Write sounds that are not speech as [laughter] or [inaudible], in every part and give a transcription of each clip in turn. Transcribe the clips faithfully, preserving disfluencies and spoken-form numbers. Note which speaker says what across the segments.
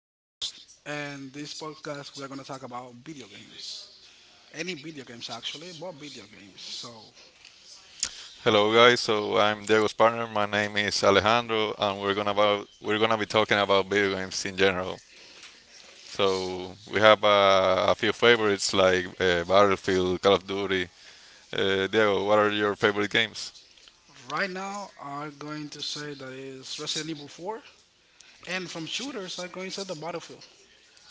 Speaker 1: and this podcast we are going to talk about video games. Any video games, actually, but video games. So
Speaker 2: Hello guys, so I'm Diego's partner. My name is Alejandro, and we're gonna about, we're gonna be talking about video games in general. So we have uh, a few favorites like uh, Battlefield, Call of Duty. Uh, Diego, what are your favorite games?
Speaker 1: right now, I'm going to say that is Resident Evil four, and from shooters, I'm going to say the Battlefield.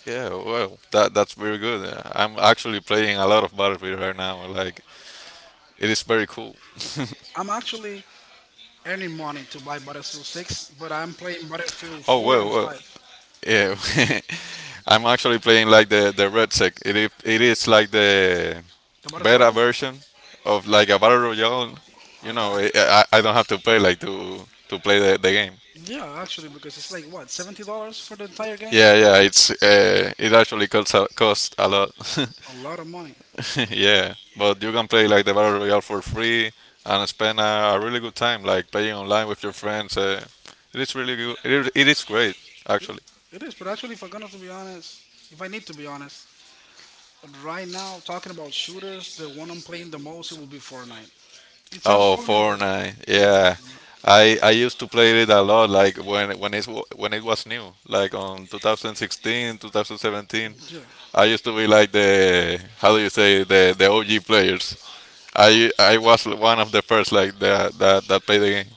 Speaker 2: Yeah, well, that that's very good. Uh, I'm actually playing a lot of Battlefield right now. Like it is very cool.
Speaker 1: I'm actually earning money to buy Battlefield six, but I'm playing Battlefield
Speaker 2: Oh,
Speaker 1: four
Speaker 2: well,
Speaker 1: and
Speaker 2: well,
Speaker 1: five.
Speaker 2: yeah. [laughs] I'm actually playing like the the red sec. It is, it is like the
Speaker 1: The Battle
Speaker 2: better
Speaker 1: Royale?
Speaker 2: version of like a battle royale. You
Speaker 1: I
Speaker 2: know,
Speaker 1: got
Speaker 2: I,
Speaker 1: it.
Speaker 2: I I don't have to pay like to to play the, the game.
Speaker 1: Yeah, actually, because it's like what seventy dollars for the entire game.
Speaker 2: Yeah, yeah, it's uh, it actually costs a, costs a lot.
Speaker 1: A lot of money.
Speaker 2: [laughs] Yeah, but you can play like the battle royale for free and spend a, a really good time like playing online with your friends. Uh, it is really good. It is, it is great
Speaker 1: It,
Speaker 2: actually.
Speaker 1: it is, but actually, if I'm gonna to be honest, if I need to be honest, right now talking about shooters, the one I'm playing the most it will be Fortnite. It sounds
Speaker 2: Oh,
Speaker 1: funny,
Speaker 2: Fortnite.
Speaker 1: but it will be
Speaker 2: Yeah.
Speaker 1: Fortnite.
Speaker 2: I, I used to play it a lot, like when when it when it was new, like on twenty sixteen, twenty seventeen.
Speaker 1: Yeah,
Speaker 2: I used to be like the, how do you say, the the O G players. I I was one of the first like that that that played the game.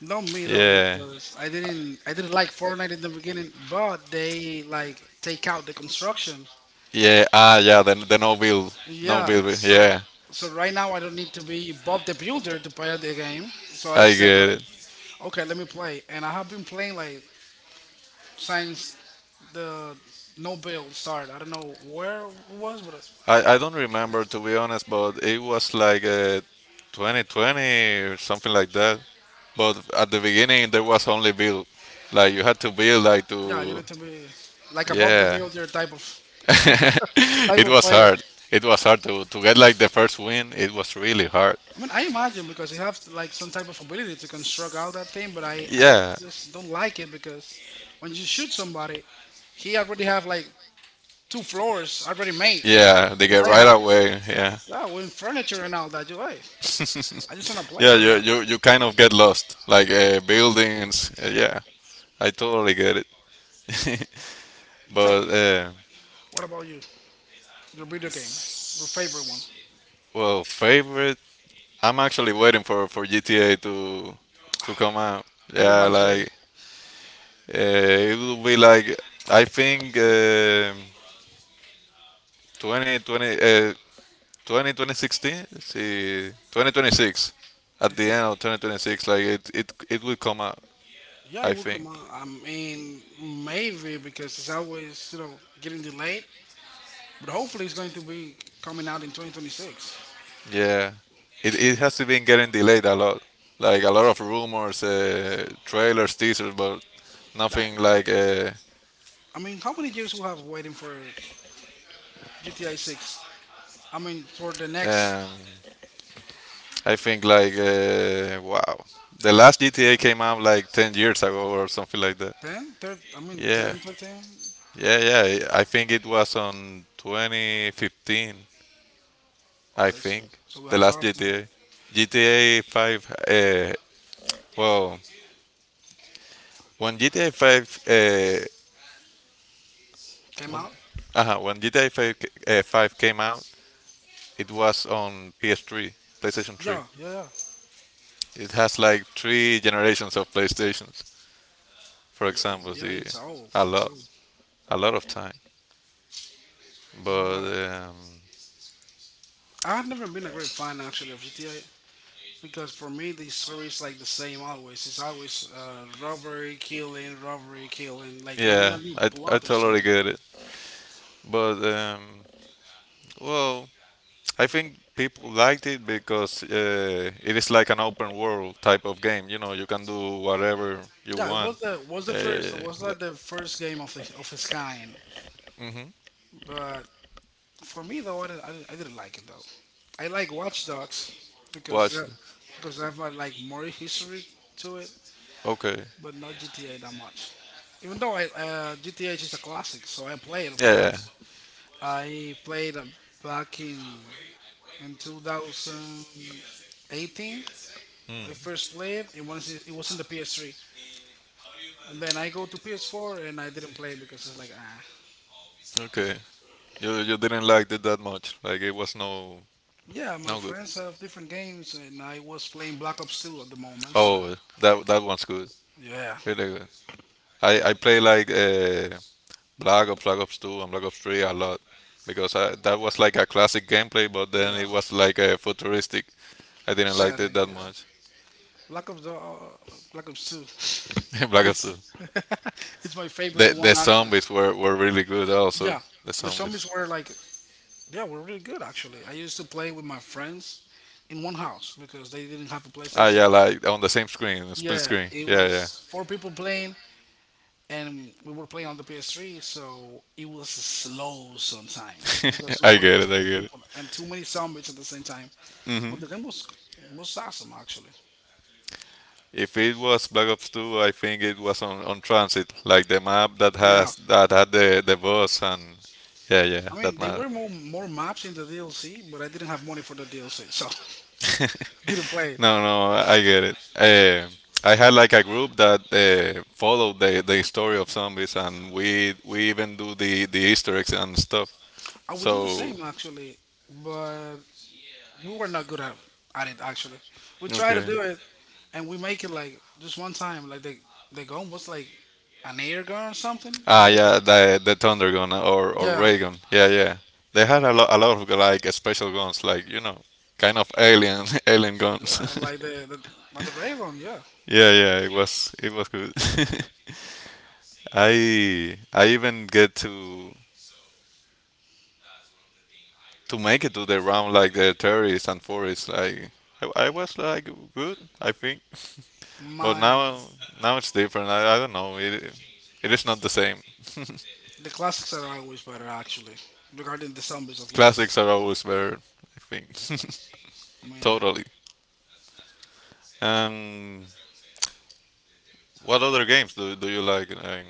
Speaker 1: not me though,
Speaker 2: Yeah,
Speaker 1: because I didn't I didn't like Fortnite in the beginning, but they like take out the construction.
Speaker 2: yeah, ah, yeah, the the no build, no
Speaker 1: Yeah,
Speaker 2: build.
Speaker 1: so
Speaker 2: Yeah,
Speaker 1: so right now I don't need to be Bob the Builder to play the game. So I
Speaker 2: I get
Speaker 1: said like,
Speaker 2: it.
Speaker 1: okay, let me play, and I have been playing like since the no build start. I don't know where it was, but uh,
Speaker 2: I I don't remember, to be honest, but it was like uh, twenty twenty or something like that. But at the beginning there was only build, like you had to build like to
Speaker 1: yeah, you need to be like above the
Speaker 2: yeah.
Speaker 1: builder type of
Speaker 2: [laughs]
Speaker 1: [laughs] type
Speaker 2: It
Speaker 1: of
Speaker 2: was
Speaker 1: player.
Speaker 2: hard. It was hard to, to get like the first win. It was really hard.
Speaker 1: I mean, I imagine because you have like some type of ability to construct all that thing, but I I
Speaker 2: Yeah.
Speaker 1: just don't like it because when you shoot somebody, he already have like two floors already made
Speaker 2: Yeah, they get
Speaker 1: entire
Speaker 2: right
Speaker 1: house.
Speaker 2: away. Yeah,
Speaker 1: Yeah, with furniture and all that. You hey, I just wanna
Speaker 2: [laughs]
Speaker 1: play,
Speaker 2: yeah,
Speaker 1: but
Speaker 2: you
Speaker 1: uh,
Speaker 2: you you kind of get lost, like uh,
Speaker 1: no.
Speaker 2: buildings. Uh, yeah, I totally get it. [laughs]
Speaker 1: Tell
Speaker 2: But
Speaker 1: me,
Speaker 2: uh,
Speaker 1: what about you? Your video game, your favorite one?
Speaker 2: well, favorite. I'm actually waiting for for G T A to to come out. Yeah,
Speaker 1: Everybody's waiting.
Speaker 2: like uh, it will be like I think um twenty twenty. Uh, twenty sixteen, see, twenty twenty-six.
Speaker 1: I
Speaker 2: At the
Speaker 1: think.
Speaker 2: end of twenty twenty-six, like it, it, it will come out,
Speaker 1: Yeah, it
Speaker 2: I
Speaker 1: will
Speaker 2: think.
Speaker 1: come out. I mean, maybe because it's always you know getting delayed, but hopefully it's going to be coming out in two thousand twenty-six.
Speaker 2: Yeah, it, it has been getting delayed a lot. Like a lot of rumors, uh, trailers, teasers, but
Speaker 1: I,
Speaker 2: nothing
Speaker 1: uh,
Speaker 2: like. Uh,
Speaker 1: I mean, how many years we have waiting for G T I six? I six? I mean, for the next
Speaker 2: um, I think like uh, wow, the last G T A came out like ten years ago or something like that.
Speaker 1: ten, thirteen, I mean
Speaker 2: Yeah,
Speaker 1: ten, thirteen.
Speaker 2: yeah, yeah. I think it was on twenty fifteen. I
Speaker 1: Okay, so,
Speaker 2: think
Speaker 1: so we
Speaker 2: the
Speaker 1: have a
Speaker 2: last
Speaker 1: lot of time.
Speaker 2: G T A, G T A Five. Uh, well, when GTA Five, uh,
Speaker 1: Came out.
Speaker 2: uh when G T A Five, uh, five came out, it was on P S three, PlayStation three.
Speaker 1: Yeah, yeah,
Speaker 2: It has like three generations of PlayStations, for
Speaker 1: yeah, yeah.
Speaker 2: example,
Speaker 1: Yeah,
Speaker 2: the
Speaker 1: it's old.
Speaker 2: a
Speaker 1: It's
Speaker 2: lot,
Speaker 1: old.
Speaker 2: a lot of time. But
Speaker 1: But
Speaker 2: um,
Speaker 1: I've never been a great fan actually of G T I. Because for me, this story is like the same always. It's always uh, robbery, killing, robbery, killing. Like I need
Speaker 2: yeah,
Speaker 1: a new
Speaker 2: I I
Speaker 1: plot or
Speaker 2: totally
Speaker 1: something.
Speaker 2: get it. But um, well, I think people liked it because uh, it is like an open world type of game. You know, you can do whatever you
Speaker 1: Yeah, it
Speaker 2: want.
Speaker 1: was the was the
Speaker 2: Yeah, yeah,
Speaker 1: first. It was
Speaker 2: yeah. Like,
Speaker 1: like the first game of the, of its kind.
Speaker 2: hmm
Speaker 1: But for me though, I, did I, didn't- I didn't like it though. I like Watch Dogs because they
Speaker 2: watch it.
Speaker 1: because they have uh, like more history to it,
Speaker 2: Okay.
Speaker 1: but not G T A that much. Even though I uh, G T A is a classic, so I play it of
Speaker 2: Yeah, yeah.
Speaker 1: course. I played uh, back in in twenty eighteen I first played. It was, it it was in the P S three, and then I go to P S four and I didn't play because it's like ah
Speaker 2: Okay. You you didn't like it that much. Like it was no
Speaker 1: yeah, my
Speaker 2: no good.
Speaker 1: friends have different games and I was playing Black Ops two at the moment, so
Speaker 2: Oh, that that one's good.
Speaker 1: yeah,
Speaker 2: Really good. I I play like uh, Black Ops, Black Ops two, and Black Ops three a lot because I, that was like a classic gameplay, but then
Speaker 1: yeah.
Speaker 2: it was like a futuristic. I didn't like it
Speaker 1: Saturn,
Speaker 2: that
Speaker 1: yeah.
Speaker 2: much.
Speaker 1: Black Ops uh, Black Ops two.
Speaker 2: [laughs] In
Speaker 1: [laughs]
Speaker 2: Black Ops
Speaker 1: It's
Speaker 2: two.
Speaker 1: [laughs] it's my favorite
Speaker 2: The, the
Speaker 1: one actually.
Speaker 2: zombies were, were really good also.
Speaker 1: Yeah,
Speaker 2: The
Speaker 1: the zombies
Speaker 2: zombies.
Speaker 1: were like, yeah, were really good actually. I used to play with my friends in one house because they didn't have a
Speaker 2: Ah,
Speaker 1: PlayStation.
Speaker 2: yeah, like on the same screen, split
Speaker 1: Yeah,
Speaker 2: screen.
Speaker 1: it
Speaker 2: Yeah,
Speaker 1: was
Speaker 2: yeah. [laughs]
Speaker 1: four people playing, and we were playing on the P S three, so it was slow sometimes because we
Speaker 2: I
Speaker 1: were
Speaker 2: get
Speaker 1: too
Speaker 2: it, I
Speaker 1: many
Speaker 2: get it.
Speaker 1: people and too many zombies at the same time.
Speaker 2: Hmm.
Speaker 1: But the game was was awesome actually.
Speaker 2: If it was Black Ops two, I think it was on, on transit, like the map that
Speaker 1: Yeah,
Speaker 2: has that had the, the bus and yeah, yeah,
Speaker 1: I
Speaker 2: that
Speaker 1: mean they
Speaker 2: map.
Speaker 1: were more more maps in the D L C, but I didn't have money for the D L C, so [laughs] didn't
Speaker 2: [laughs]
Speaker 1: play it.
Speaker 2: No, no, I get it. Eh, I had like a group that uh, followed the, the story of zombies, and we we even do the, the Easter eggs and stuff.
Speaker 1: I would do the
Speaker 2: So
Speaker 1: same actually, but we were not good at, at it actually. We try to
Speaker 2: okay,
Speaker 1: do it and we make it like just one time, like the the gun was like an air gun or something. It
Speaker 2: ah
Speaker 1: was like a,
Speaker 2: yeah, the the thunder gun or or
Speaker 1: yeah.
Speaker 2: ray gun. Yeah, yeah, they had a lot a lot of like special guns, like, you know, kind of alien [laughs] alien
Speaker 1: Yeah,
Speaker 2: guns.
Speaker 1: like
Speaker 2: [laughs]
Speaker 1: the, the like the Raven, yeah.
Speaker 2: Yeah, yeah, it was it was good. [laughs] I I even get to to make it to the round like the terrorists and forests. Like I, I was like good, I think. But
Speaker 1: My
Speaker 2: now now it's different. I, I don't know. It it is not the same. [laughs]
Speaker 1: The classics are always better actually. Regarding the zombies at least.
Speaker 2: Classics are always better, I think.
Speaker 1: I
Speaker 2: [laughs]
Speaker 1: mean
Speaker 2: Totally. Um, what other games do do you like? Um,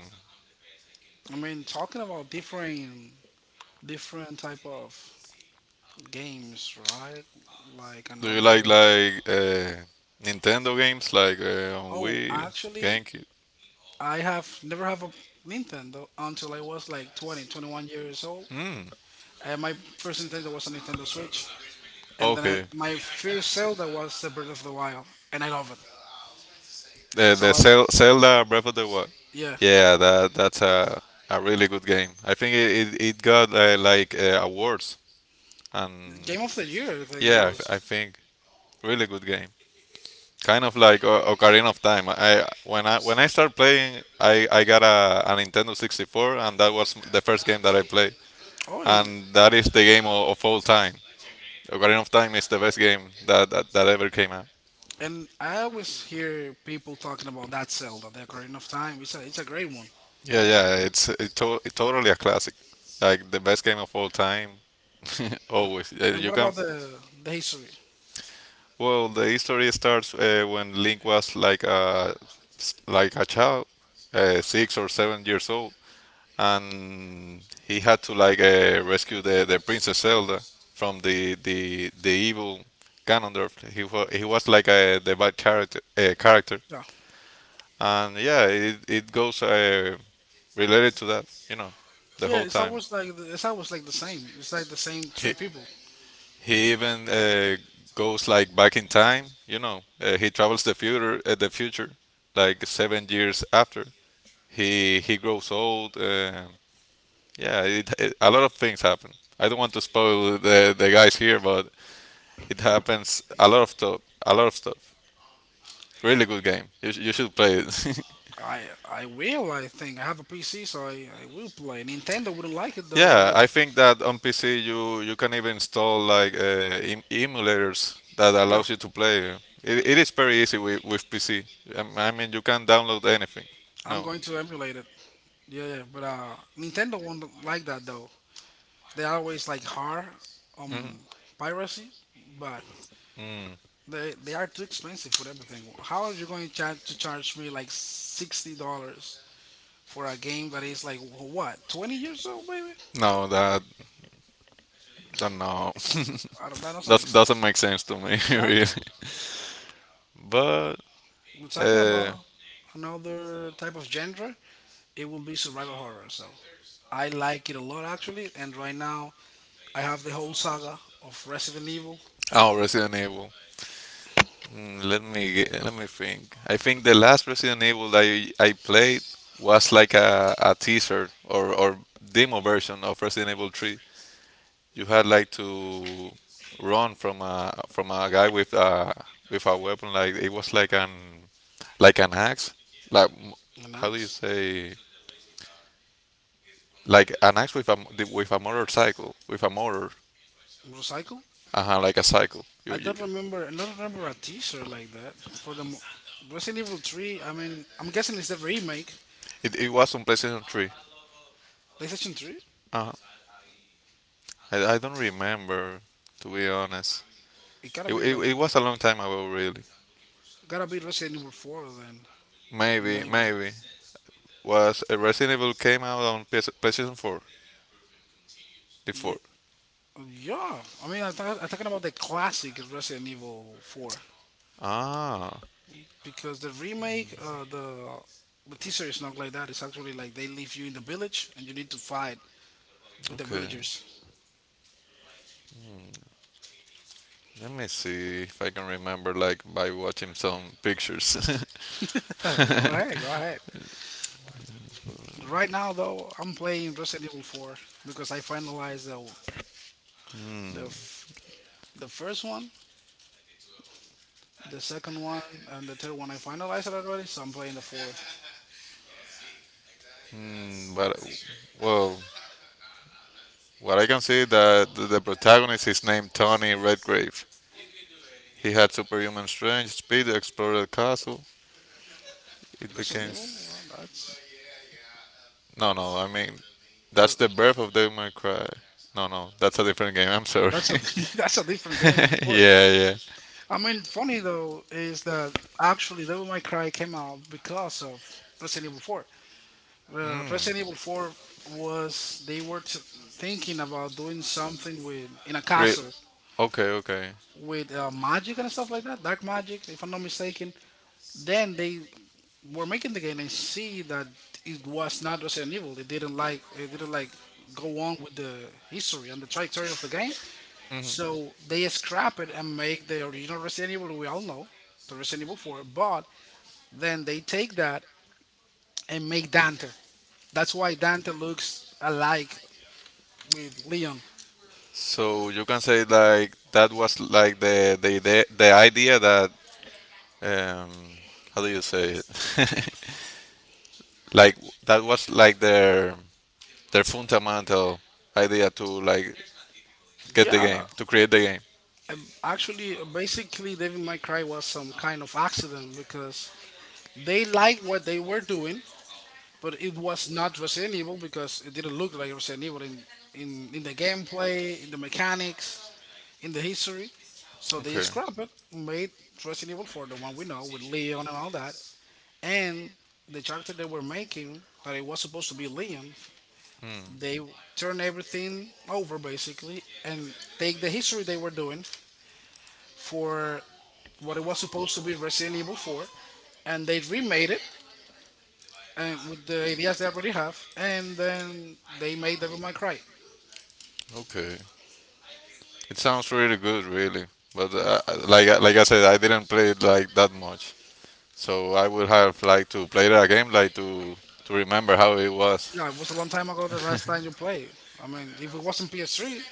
Speaker 1: I mean talking about different different type of games, right? Like
Speaker 2: Do you like
Speaker 1: another.
Speaker 2: like uh, Nintendo games like uh, on
Speaker 1: Oh,
Speaker 2: Wii,
Speaker 1: actually,
Speaker 2: GameCube?
Speaker 1: I have never have a Nintendo until I was like twenty, twenty one years old.
Speaker 2: Mm,
Speaker 1: And my first Nintendo was a Nintendo Switch. And then I,
Speaker 2: okay.
Speaker 1: my first Zelda was the Breath of the Wild. And I love it.
Speaker 2: The
Speaker 1: So,
Speaker 2: the
Speaker 1: I,
Speaker 2: Zel- Zelda Breath of the Wild.
Speaker 1: yeah.
Speaker 2: Yeah, that that's a a really good game. I think it it, it got uh, like uh, awards and
Speaker 1: Game of the year I think it
Speaker 2: yeah, I, th-
Speaker 1: was.
Speaker 2: I think really good game. Kind of like o- Ocarina of Time. I when I when I started playing, I I got a, a Nintendo sixty-four, and that was the first game that I played.
Speaker 1: Oh, and,
Speaker 2: And that is the game of, of all time. Ocarina of Time is the best game that, that, that ever came out.
Speaker 1: and I always hear people talking about that Zelda, the Ocarina of Time. It's a, it's a great one.
Speaker 2: Yeah, yeah, it's it to it's totally a classic. Like the best game of all time. [laughs]
Speaker 1: Uh,
Speaker 2: Always. Uh,
Speaker 1: And
Speaker 2: You
Speaker 1: what
Speaker 2: can,
Speaker 1: about the the history?
Speaker 2: well, the history starts uh, when Link was like a like a child, uh, six or seven years old, and he had to like uh, rescue the, the Princess Zelda from the the the evil Ganondorf. He was he was like a the bad character uh, character.
Speaker 1: Yeah,
Speaker 2: And yeah, it it goes uh, related to that, you know, the
Speaker 1: yeah.
Speaker 2: whole
Speaker 1: It's
Speaker 2: time.
Speaker 1: always like the, it's always like the same. It's like the same three
Speaker 2: He,
Speaker 1: people.
Speaker 2: he even uh, goes like back in time, you know. Uh, he travels the future, uh, the future, like seven years after. He he grows old. Uh, yeah, it, it, a lot of things happen. I don't want to spoil the, the guys here, but it happens a lot of stuff. A lot of stuff. Really good game. You, sh- you should play it. [laughs]
Speaker 1: I I will. I think I have a P C, so I, I will play. Nintendo wouldn't like it though, but
Speaker 2: Yeah,
Speaker 1: yeah,
Speaker 2: I think that on P C you you can even install like uh, em- emulators that
Speaker 1: yeah.
Speaker 2: allows you to play. It, it is very easy with, with P C. Um, I mean, you can download anything.
Speaker 1: I'm
Speaker 2: No.
Speaker 1: going to emulate it. Yeah, yeah. But uh, Nintendo won't like that though. They always like hard um piracy, but
Speaker 2: Mm.
Speaker 1: They they are too expensive for everything. How are you going to charge to charge me like sixty dollars for a game that is like wh- what twenty years old, baby?
Speaker 2: No, that, that no. [laughs]
Speaker 1: I don't. That doesn't
Speaker 2: That
Speaker 1: make sense.
Speaker 2: doesn't make sense to me, [laughs] really.
Speaker 1: Exactly.
Speaker 2: But
Speaker 1: We're talking
Speaker 2: uh,
Speaker 1: about another type of genre. It will be survival horror. So I like it a lot actually. And right now I have the whole saga of Resident Evil
Speaker 2: oh, Resident Evil. Mm, let me ge- let me think. I think the last Resident Evil that I, I played was like a, a teaser, or, or demo version of Resident Evil three. You had like to run from a from a guy with a with a weapon, like it was like an like an axe, like m-
Speaker 1: and
Speaker 2: how do you
Speaker 1: Axe
Speaker 2: say, like an axe with a m- with a motorcycle, with a motor,
Speaker 1: Motorcycle.
Speaker 2: uh-huh, like a cycle. you,
Speaker 1: I
Speaker 2: you,
Speaker 1: don't remember. I don't remember a teaser like that for the mo- Resident Evil Three. I mean, I'm guessing it's the remake.
Speaker 2: it, it was on PlayStation three,
Speaker 1: PlayStation three?
Speaker 2: uh-huh. I, I don't remember, to be honest.
Speaker 1: It gotta
Speaker 2: it,
Speaker 1: be
Speaker 2: it,
Speaker 1: like
Speaker 2: it was a long time ago, really.
Speaker 1: gotta be Resident Evil Four then.
Speaker 2: maybe
Speaker 1: Maybe.
Speaker 2: maybe was uh, Resident Evil came out on P S, PlayStation four, the four.
Speaker 1: Ye- Yeah, I mean, I'm, talk- I'm talking about the classic Resident Evil Four
Speaker 2: ah
Speaker 1: because the remake, uh, the the teaser is not like that. It's actually like they leave you in the village and you need to fight with the
Speaker 2: okay.
Speaker 1: villagers.
Speaker 2: Let me see if I can remember, like by watching some pictures.
Speaker 1: [laughs] Go
Speaker 2: [laughs]
Speaker 1: ahead, go ahead. Right now, though, I'm playing Resident Evil four because I finalized the the, f- the first one, the second one, and the third one. I finalized it already, so I'm playing the four.
Speaker 2: Mm, but well, what I can see that the the protagonist is named Tony Redgrave. He had superhuman strength, speed, explored the castle. It
Speaker 1: Resident
Speaker 2: became
Speaker 1: Evil. Well,
Speaker 2: s-
Speaker 1: that's
Speaker 2: no, no, I mean, that's the birth of Devil May Cry. No, no, that's a different game. I'm sorry.
Speaker 1: That's
Speaker 2: [laughs]
Speaker 1: a [laughs] that's a different game, of course.
Speaker 2: Yeah, yeah.
Speaker 1: I mean, funny though is that actually Devil May Cry came out because of Resident Evil four. Uh,
Speaker 2: Mm.
Speaker 1: Resident Evil four was they were t- thinking about doing something with in a
Speaker 2: Re-
Speaker 1: castle
Speaker 2: okay, okay.
Speaker 1: with uh, magic and stuff like that, dark magic, if I'm not mistaken. Then they were making the game and see that it was not Resident Evil. They didn't like they didn't like go on with the history and the trajectory of the game. So they scrap it and make the original Resident Evil we all know, the Resident Evil four, but then they take that and make Dante. That's why Dante looks alike with Leon.
Speaker 2: So you can say like that was like the the the, the idea that, um, how do you say it? [laughs] Like that was like their their fundamental idea to like get the
Speaker 1: Yeah,
Speaker 2: game to create the game.
Speaker 1: um, actually, basically, Devil May Cry was some kind of accident because they liked what they were doing, but it was not Resident Evil because it didn't look like Resident Evil in, in, in the gameplay, in the mechanics, in the history. So they
Speaker 2: Okay.
Speaker 1: scrapped it, made Resident Evil four, the one we know with Leon and all that. And the character they were making, that it was supposed to be Leon, they turn everything over basically and take the history they were doing for what it was supposed to be Resident Evil four, and they remade it and with the ideas they already have, and then they made Devil May Cry.
Speaker 2: Okay. It sounds really good, really. But
Speaker 1: Yeah.
Speaker 2: uh, like I- like I said, I didn't play it like that much, so I would have like to play that game like to to remember how it was.
Speaker 1: Yeah, it was a long time ago the last time you played. I mean, if it wasn't P S three,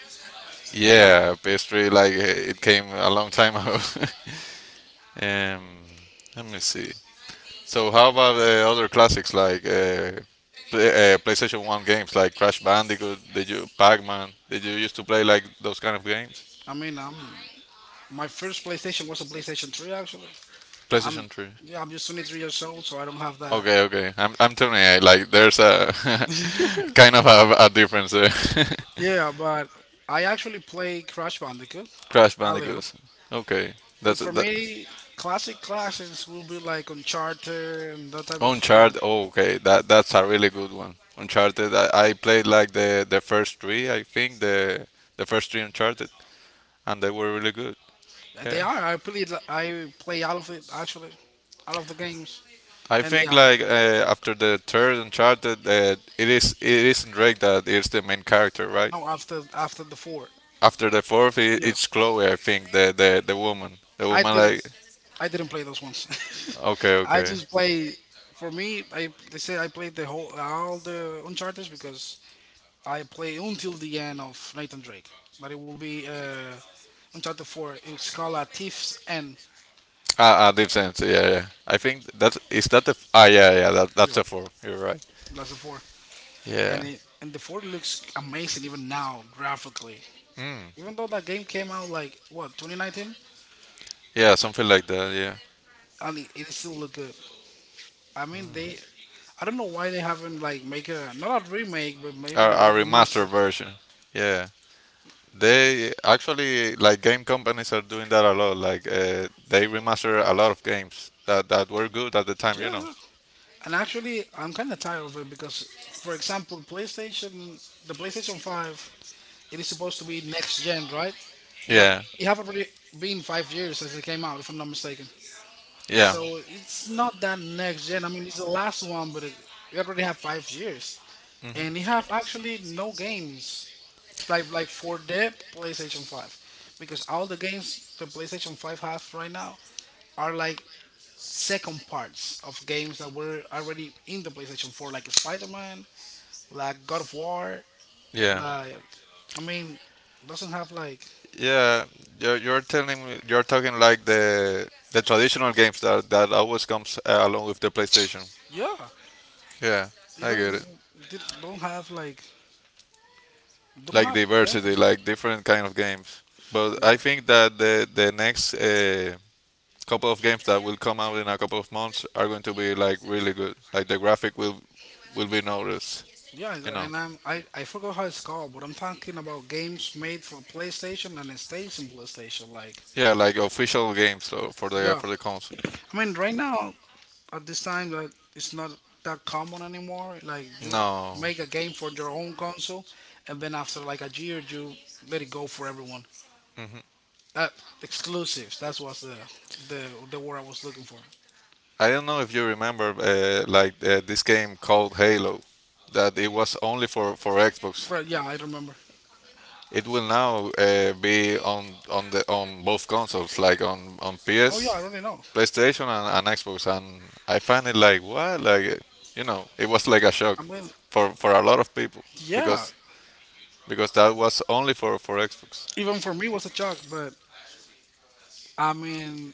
Speaker 2: Yeah, P S three, like, eh, it came a long time ago. [laughs] um, Let me see. So how about uh, other classics like uh, play, uh, PlayStation One games like Crash Bandicoot? Did you Pac-Man? Did you used to play like those kind of games?
Speaker 1: I mean, I'm my first PlayStation was a PlayStation three, actually. I'm
Speaker 2: PlayStation Three.
Speaker 1: Yeah, I'm just twenty-three years old, so I don't have that.
Speaker 2: Okay, okay. I'm I'm telling you, like there's a [laughs] kind of a, a difference there.
Speaker 1: Yeah, but I actually play Crash Bandicoot
Speaker 2: [laughs] Crash
Speaker 1: a little.
Speaker 2: Bandicoot. Okay,
Speaker 1: But
Speaker 2: that's
Speaker 1: for
Speaker 2: that.
Speaker 1: me, classic classics will be like Uncharted and that type of game.
Speaker 2: Uncharted. Oh, okay, that that's a really good one. Uncharted. I, I played like the the first three. I think the the first three Uncharted, and they were really good. Yeah,
Speaker 1: They are. I play. I play all of it actually, all of the games,
Speaker 2: I
Speaker 1: and they
Speaker 2: think
Speaker 1: are.
Speaker 2: like uh, after the third Uncharted, uh, it is it isn't Drake that is the main character, right?
Speaker 1: No, after after the four.
Speaker 2: After the fourth, I
Speaker 1: Yeah,
Speaker 2: it's Chloe. I think the the the woman. The
Speaker 1: I
Speaker 2: woman
Speaker 1: didn't.
Speaker 2: like
Speaker 1: I didn't play those ones.
Speaker 2: okay,
Speaker 1: [laughs] I
Speaker 2: okay.
Speaker 1: just play. For me, I they say I played the whole all the Uncharted because I play until the end of Nathan Drake. But it will be uh, Uncharted four. It's called uh, Thieves and
Speaker 2: Ah, ah, Deep Sense. Yeah, yeah. I think that's is that the f- ah yeah, yeah, that that's
Speaker 1: yeah,
Speaker 2: the fourth. You You're right.
Speaker 1: that's the four. And
Speaker 2: Yeah,
Speaker 1: it and the four looks amazing even now graphically. Even though that game came out like what twenty nineteen,
Speaker 2: yeah, something like that. Yeah.
Speaker 1: and it, it still look good. I mean they. I don't know why they haven't like make a not a remake, but
Speaker 2: A,
Speaker 1: maybe a
Speaker 2: a remastered
Speaker 1: remaster.
Speaker 2: version. Yeah. They actually, like, game companies are doing that a lot. Like uh, they remaster a lot of games that that were good at the time, you know.
Speaker 1: Yeah, and actually, I'm kind of tired of it because, for example, PlayStation, the PlayStation five, it is supposed to be next gen, right? But
Speaker 2: Yeah.
Speaker 1: it have already been five years since it came out, if I'm not mistaken.
Speaker 2: Yeah.
Speaker 1: So it's not that next gen. I mean, it's the last one, but it, we already have five years, and you have actually no games like like for the PlayStation five, because all the games the PlayStation five have right now are like second parts of games that were already in the PlayStation four, like Spider-Man, like God of War,
Speaker 2: Yeah.
Speaker 1: like I mean, doesn't have like
Speaker 2: Yeah. You're, you're telling me you're talking like the the traditional games that that always comes uh, along with the PlayStation.
Speaker 1: yeah,
Speaker 2: Yeah.
Speaker 1: you
Speaker 2: I
Speaker 1: don't
Speaker 2: get it.
Speaker 1: you don't have like don't
Speaker 2: Like
Speaker 1: have games.
Speaker 2: diversity,
Speaker 1: On
Speaker 2: like different kind of games. But
Speaker 1: yeah,
Speaker 2: I think that the the next uh, couple of games that will come out in a couple of months are going to be like really good. Like the graphic will will be noticed,
Speaker 1: yeah,
Speaker 2: you know.
Speaker 1: and I'm I I forgot how it's called, but I'm talking about games made for PlayStation and it stays in PlayStation. Like
Speaker 2: Yeah, like official games, so for the
Speaker 1: yeah,
Speaker 2: for the console.
Speaker 1: I mean right now at this time that it's not that common anymore. Like you
Speaker 2: No,
Speaker 1: make a game for your own console, and then after like a year you let it go for everyone. Uh, Exclusives. That's what's the the the word I was looking for.
Speaker 2: I don't know if you remember uh, like uh, this game called Halo, that it was only for for Xbox.
Speaker 1: But yeah, I remember.
Speaker 2: It will now uh, be on on the on both consoles, like on on
Speaker 1: Oh yeah, I
Speaker 2: P S,
Speaker 1: already know.
Speaker 2: PlayStation, and, and Xbox. And I find it like what, like you know, it was like a shock
Speaker 1: I mean,
Speaker 2: for for a lot of people
Speaker 1: yeah.
Speaker 2: because because that was only for for Xbox.
Speaker 1: Even for me, it was a shock. But I mean,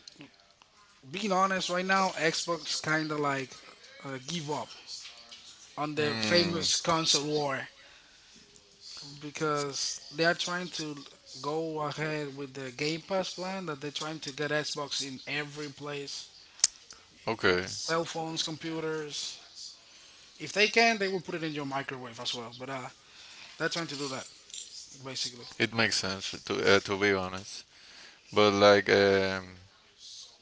Speaker 1: being honest, right now, Xbox kind of like uh, give up on the
Speaker 2: Hmm.
Speaker 1: famous console war because they are trying to go ahead with the Game Pass plan that they're trying to get Xbox in every place,
Speaker 2: Okay,
Speaker 1: cell phones, computers. If they can, they will put it in your microwave as well. But uh, They're trying to do that, basically.
Speaker 2: it makes sense to uh, to be honest. But like, um,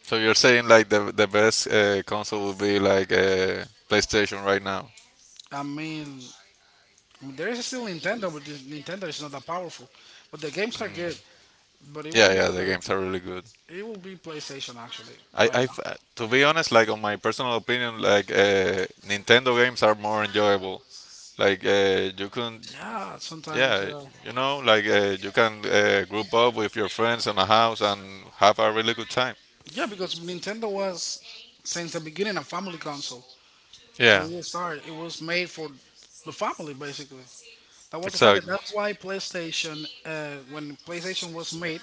Speaker 2: so you're saying like the the best uh, console would be like uh, PlayStation right now?
Speaker 1: I mean, I mean, there is still Nintendo, but this Nintendo is not that powerful. But the games are good. But it will
Speaker 2: Yeah,
Speaker 1: be
Speaker 2: yeah, the
Speaker 1: like
Speaker 2: games are really good.
Speaker 1: It will be PlayStation actually
Speaker 2: I,
Speaker 1: right
Speaker 2: I,
Speaker 1: now.
Speaker 2: to be honest, like on my personal opinion, like uh, Nintendo games are more enjoyable. Like uh, you can,
Speaker 1: Yeah, sometimes.
Speaker 2: yeah,
Speaker 1: Uh,
Speaker 2: you know, like uh, you can uh, group up with your friends in a house and have a really good time.
Speaker 1: yeah, because Nintendo was since the beginning a family console. Since
Speaker 2: Yeah,
Speaker 1: it started, it was made for the family basically. That was the target.
Speaker 2: exactly,
Speaker 1: That's why PlayStation, uh, when PlayStation was made,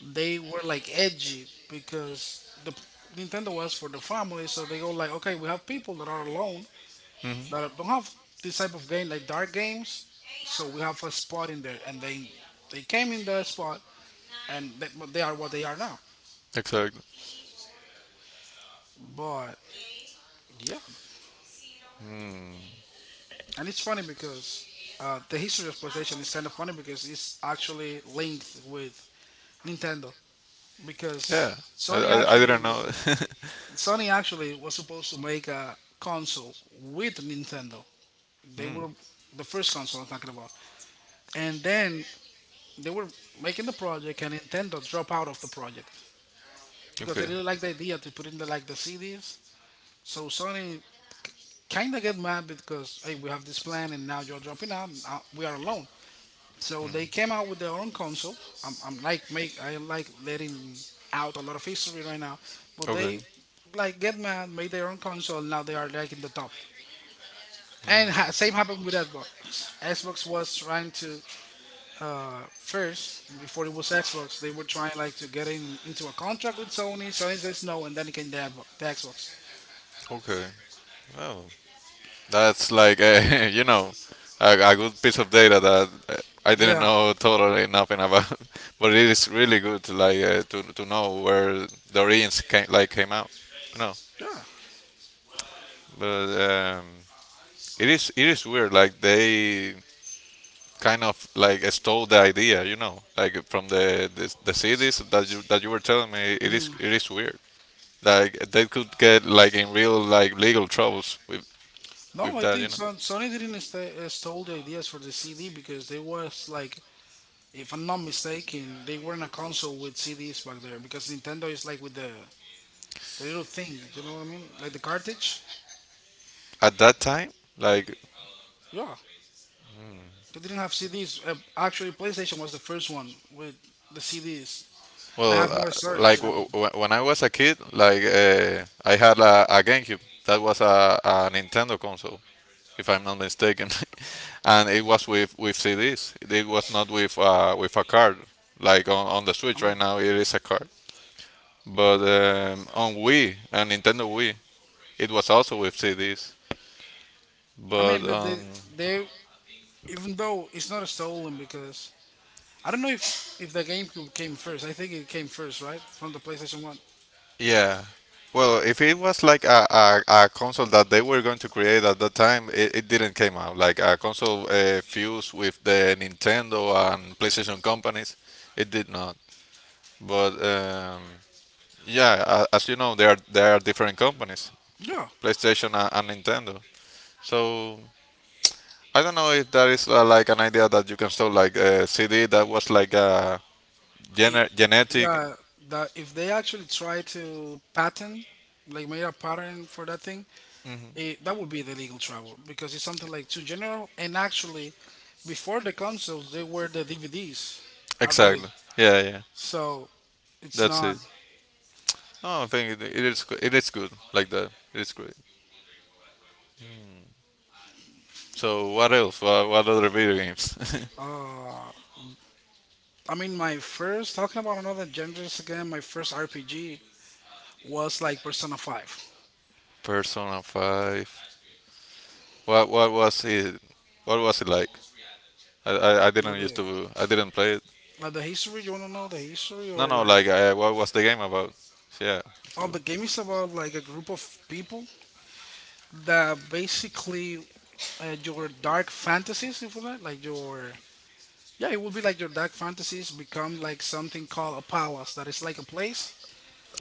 Speaker 1: they were like edgy because the Nintendo was for the family. So they go like, okay, we have people that are alone that don't have this type of game like dark games. So we have a spot in there, and they they came in that spot, and they, but they are what they are now.
Speaker 2: exactly.
Speaker 1: But yeah, and it's funny because uh, the history of PlayStation is kind of funny because it's actually linked with Nintendo because
Speaker 2: Yeah, I,
Speaker 1: Sony
Speaker 2: I, I
Speaker 1: actually
Speaker 2: didn't know. [laughs]
Speaker 1: Sony actually was supposed to make a console with Nintendo. They were the first console I'm talking about, and then they were making the project, and Nintendo dropped out of the project, because they
Speaker 2: Okay,
Speaker 1: didn't like the idea to put in the like the C Ds. So Sony kind of get mad because hey, we have this plan and now you're dropping out, and now we are alone. So they came out with their own console. I'm, I'm like make I like letting out a lot of history right now, but
Speaker 2: okay.
Speaker 1: they like get mad, made their own console. Now they are like in the top. And ha- same happened with Xbox. Xbox was trying to first before it was Xbox, they were trying like to get in into a contract with Sony. Sony says no, and then it came the, Xbox- the Xbox.
Speaker 2: Okay. Well, that's like a, [laughs] you know, a, a good piece of data that uh, I didn't
Speaker 1: Yeah.
Speaker 2: know totally nothing about, [laughs] but it is really good to like uh, to to know where the origins came like came out. You know,
Speaker 1: Yeah.
Speaker 2: but um, it is it is weird. Like they kind of like stole the idea. You know, like from the the, the cities that you that you were telling me. It is
Speaker 1: Mm.
Speaker 2: it is weird. Like they could get like in real like legal troubles with
Speaker 1: No,
Speaker 2: with
Speaker 1: I
Speaker 2: that. You
Speaker 1: think
Speaker 2: know,
Speaker 1: Son- Sony didn't sta- uh, stole the ideas for the C D because they was like, if I'm not mistaken, they weren't a console with C Ds back there because Nintendo is like with the, the little thing, you know what I mean? Like the cartridge.
Speaker 2: at that time like
Speaker 1: Yeah, they didn't have C Ds. Uh, actually, PlayStation was the first one with the C Ds. They have
Speaker 2: Well, uh,
Speaker 1: more storage
Speaker 2: like
Speaker 1: and
Speaker 2: w-
Speaker 1: everything.
Speaker 2: w- when I was a kid, like uh, I had a, a GameCube that was a, a Nintendo console, if I'm not mistaken, [laughs] and it was with with C Ds. It was not with uh, with a card. Like on, on the
Speaker 1: I
Speaker 2: Switch
Speaker 1: mean,
Speaker 2: right now, it is a card. But um, on Wii, on Nintendo Wii, it was also with C Ds.
Speaker 1: I
Speaker 2: But
Speaker 1: mean, but they
Speaker 2: on
Speaker 1: they even though it's not stolen because I don't know if if the GameCube came first. I think it came first, right, from the PlayStation One.
Speaker 2: Yeah. Well, if it was like a, a, a console that they were going to create at that time, it, it didn't came out. Like a console uh, fused with the Nintendo and PlayStation companies, it did not. But um, yeah, a- as you know, there are there are different companies,
Speaker 1: Yeah,
Speaker 2: PlayStation a- and Nintendo. So I don't know if that is uh, like an idea that you can sell like a C D that was like a
Speaker 1: it,
Speaker 2: gener- genetic.
Speaker 1: yeah, that if they actually try to patent, like made a pattern for that thing, it, that would be the legal trouble because it's something like too general. And actually, before the consoles, they were the D V Ds already,
Speaker 2: Exactly. Yeah, yeah.
Speaker 1: so it's
Speaker 2: That's it.
Speaker 1: not.
Speaker 2: No, I think it, it is go- it is good like that. It is great. So what else? What, what other video games? [laughs]
Speaker 1: Uh, I mean, my first talking about another genres again. My first R P G was like Persona Five.
Speaker 2: Persona Five. What what was it? What was it like? I, I, I
Speaker 1: Like
Speaker 2: didn't used
Speaker 1: the,
Speaker 2: to I didn't play it.
Speaker 1: like the history, you wanna know the history
Speaker 2: No,
Speaker 1: or
Speaker 2: no,
Speaker 1: like?
Speaker 2: like I, what was the game about? Yeah. So,
Speaker 1: Oh, the game is about like a group of people that basically uh, your dark fantasies, if you like, like your yeah, it would be like your dark fantasies become like something called a palace that is like a place,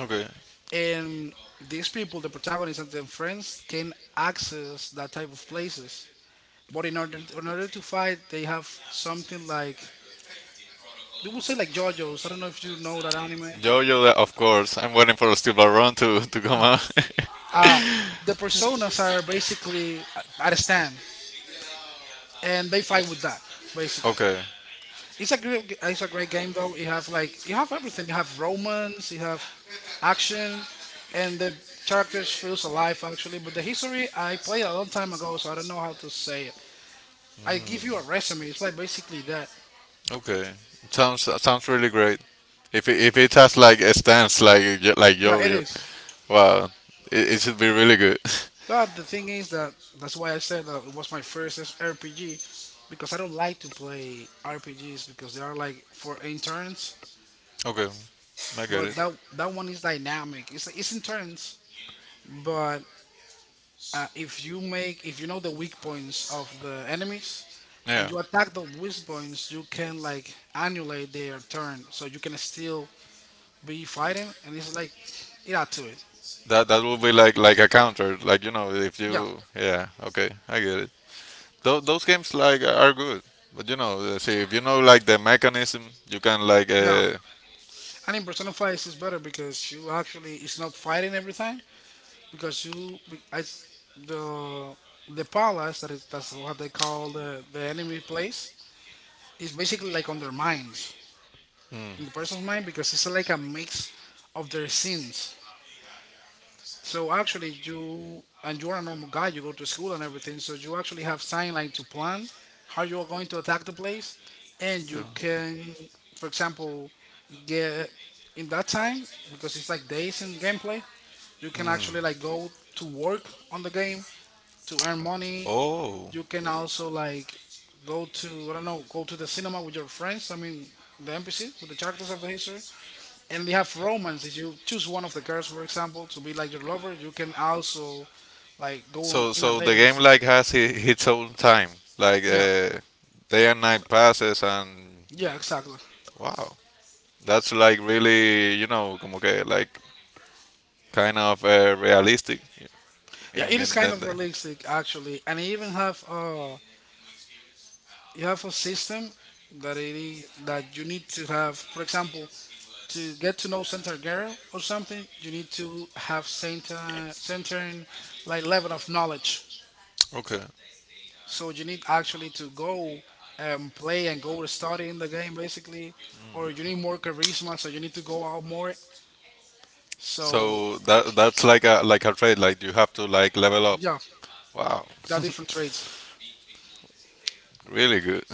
Speaker 2: okay.
Speaker 1: and these people, the protagonists and their friends, can access that type of places. But in order in order to fight, they have something like you would say like JoJo's. I don't know if you know that anime.
Speaker 2: JoJo, of course. I'm waiting for Steel Ball Run to to come out. [laughs]
Speaker 1: Uh the personas are basically at at a stand, and they fight with that basically.
Speaker 2: Okay,
Speaker 1: It's a great, it's a great game though. You have like you have everything. You have romance, you have action, and the characters feels alive actually. But the history I played a long time ago, so I don't know how to say it. I give you a resume. It's like basically that.
Speaker 2: okay. Sounds sounds really great. If it, if it has like a stance like like
Speaker 1: Yeah, it
Speaker 2: JoJo.
Speaker 1: is.
Speaker 2: Wow, it, it should be really good.
Speaker 1: But the thing is that that's why I said that it was my first S- R P G because I don't like to play R P Gs because they are like for in turns.
Speaker 2: [laughs] Okay, I get
Speaker 1: But
Speaker 2: it.
Speaker 1: that that one is dynamic. It's it's in turns, but Uh, if you make, if you know the weak points of the enemies and
Speaker 2: Yeah,
Speaker 1: you attack the weak points, you can like annulate their turn, so you can still be fighting, and it's like it add to it.
Speaker 2: that that will be like like a counter, like you know, if
Speaker 1: Yeah,
Speaker 2: you yeah, okay, I get it. Th- those games like are good, but you know, uh, see if you know like the mechanism, you can like
Speaker 1: yeah.
Speaker 2: uh,
Speaker 1: And in Persona five is better because you actually it's not fighting every time because you be- I s- the the palace that is that's what they call the the enemy place is basically like on their minds in the person's mind because it's like a mix of their sins. So actually, you and you're a normal guy. You go to school and everything. So you actually have time like to plan how you are going to attack the place, and you can, for example, get in that time because it's like days in gameplay. You can actually like go to work on the game to earn money.
Speaker 2: oh.
Speaker 1: You can also like go to I don't know, go to the cinema with your friends. I mean, the N P Cs with the characters of the history. And we have romance. If you choose one of the girls, for example, to be like your lover, you can also like go on
Speaker 2: So
Speaker 1: in a
Speaker 2: so
Speaker 1: date
Speaker 2: the
Speaker 1: and
Speaker 2: game
Speaker 1: stuff like
Speaker 2: like
Speaker 1: that.
Speaker 2: has I- its own time, like
Speaker 1: Yeah,
Speaker 2: uh, day and night passes, and
Speaker 1: yeah, exactly.
Speaker 2: wow, that's like really you know como que like kind of uh, realistic.
Speaker 1: Yeah,
Speaker 2: And,
Speaker 1: it
Speaker 2: and
Speaker 1: is kind
Speaker 2: then
Speaker 1: of
Speaker 2: the-
Speaker 1: realistic actually, and you even have uh you have a system that it is, that you need to have. For example, to get to know Santa girl or something, you need to have certain certain like level of knowledge.
Speaker 2: okay,
Speaker 1: So you need actually to go and play and go to study in the game basically, or you need more charisma, so you need to go out more. So
Speaker 2: so that that's like a like a trade. Like you have to like level up.
Speaker 1: yeah,
Speaker 2: Wow,
Speaker 1: there are different traits.
Speaker 2: really good.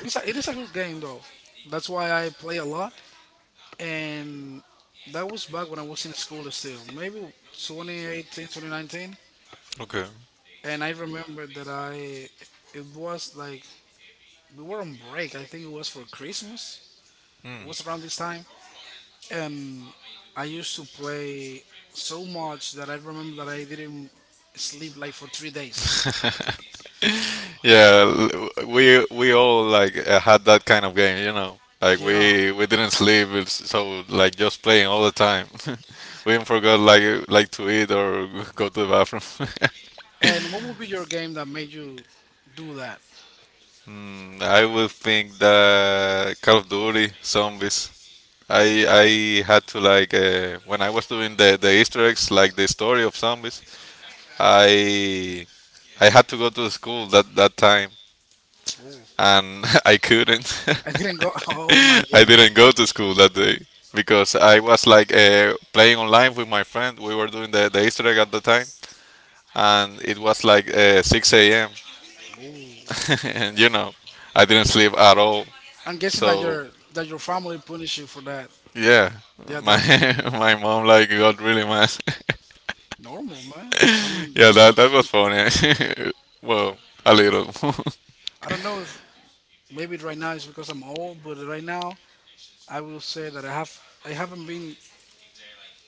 Speaker 1: It's a, it is a good game though. That's why I play a lot, and that was back when I was in school still, maybe twenty eighteen, twenty nineteen.
Speaker 2: [laughs] Okay.
Speaker 1: And I remember that I it was like we were on break. I think it was for Christmas. It was around this time, and I used to play so much that I remember that I didn't sleep like for three days.
Speaker 2: Yeah, l- we we all like uh, had that kind of game, you know. Like
Speaker 1: Yeah.
Speaker 2: we we didn't sleep, it's- so like just playing all the time. [laughs] We even forgot like uh, like to eat or [laughs] go to the bathroom. [laughs]
Speaker 1: And what would be your game that made you do that?
Speaker 2: Hmm, I would think that Call of Duty Zombies. I I had to like uh, when I was doing the the Easter eggs, like the story of zombies. I I had to go to the school that that time,
Speaker 1: Ooh.
Speaker 2: and [laughs] I couldn't.
Speaker 1: [laughs] I didn't go. [laughs] Oh my
Speaker 2: [laughs] I
Speaker 1: god.
Speaker 2: didn't go to school that day because I was like uh, playing online with my friend. We were doing the, the Easter egg at the time, and it was like uh, six a m
Speaker 1: Ooh.
Speaker 2: [laughs] And you know, I didn't sleep at all.
Speaker 1: I'm guessing that
Speaker 2: So
Speaker 1: your that your family punished you for that.
Speaker 2: yeah,
Speaker 1: Yeah,
Speaker 2: my
Speaker 1: definitely.
Speaker 2: [laughs] my mom like got really mad. [laughs]
Speaker 1: Normal, man. I mean,
Speaker 2: Yeah,
Speaker 1: you
Speaker 2: that
Speaker 1: don't-
Speaker 2: that was funny. [laughs] Well, a little. [laughs]
Speaker 1: I don't know if maybe right now it's because I'm old, but right now I will say that I have I haven't been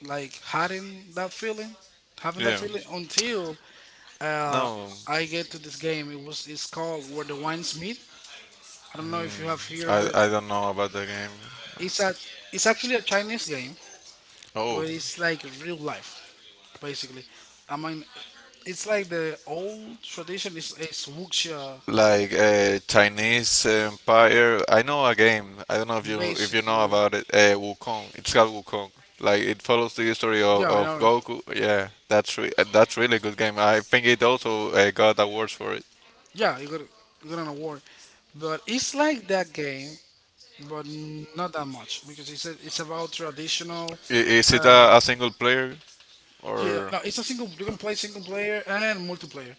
Speaker 1: like hiding that feeling, having that
Speaker 2: Yeah.
Speaker 1: feeling until uh,
Speaker 2: No,
Speaker 1: I get to this game. It was it's called Where the Wines Meet. I don't know if you have heard of
Speaker 2: I
Speaker 1: it.
Speaker 2: I don't know about the game.
Speaker 1: It's a it's actually a Chinese game, but
Speaker 2: Oh,
Speaker 1: it's like real life basically. I mean, it's like the old tradition is is wuxia
Speaker 2: like uh, Chinese Empire. I know a game. I don't know if you if you know
Speaker 1: basically.
Speaker 2: about it. Uh, Wukong. It's called Wukong. Like it follows the history of,
Speaker 1: Yeah, I
Speaker 2: of
Speaker 1: know.
Speaker 2: Goku. Yeah, that's re- uh, that's really good game. I think it also uh, got awards for it.
Speaker 1: Yeah, you got you got an award, but it's like that game, but not that much because it's a, it's about traditional.
Speaker 2: I- is it
Speaker 1: Uh,
Speaker 2: a, a single player
Speaker 1: Yeah,
Speaker 2: or
Speaker 1: no, it's a single. You can play single player and multiplayer,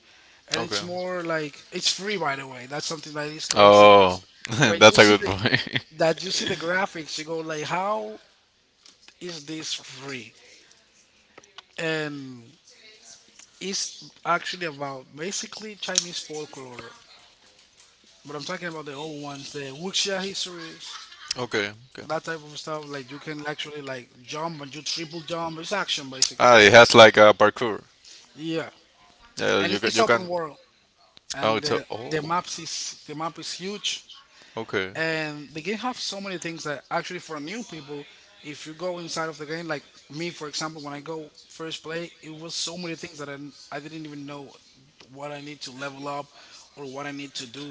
Speaker 1: and
Speaker 2: okay?
Speaker 1: it's more like it's free. By the way, that's something that is crazy because
Speaker 2: Oh, [laughs]
Speaker 1: when you
Speaker 2: that's a
Speaker 1: see
Speaker 2: good
Speaker 1: the
Speaker 2: point.
Speaker 1: that you see the graphics, you go like, how is this free? And it's actually about basically Chinese folklore, but I'm talking about the old ones, the wuxia histories,
Speaker 2: [laughs] Okay, okay.
Speaker 1: that type of stuff. Like you can actually like jump and do triple jump. It's action basically.
Speaker 2: Ah, it has like a parkour.
Speaker 1: Yeah,
Speaker 2: Yeah,
Speaker 1: and
Speaker 2: you
Speaker 1: it,
Speaker 2: ca-
Speaker 1: it's
Speaker 2: you can.
Speaker 1: open world,
Speaker 2: Oh,
Speaker 1: and
Speaker 2: it's a
Speaker 1: the the
Speaker 2: oh.
Speaker 1: maps is the map is huge,
Speaker 2: Okay.
Speaker 1: and the game have so many things that actually for new people, if you go inside of the game, like me for example, when I go first play, it was so many things that I I n- I didn't even know what I need to level up or what I need to do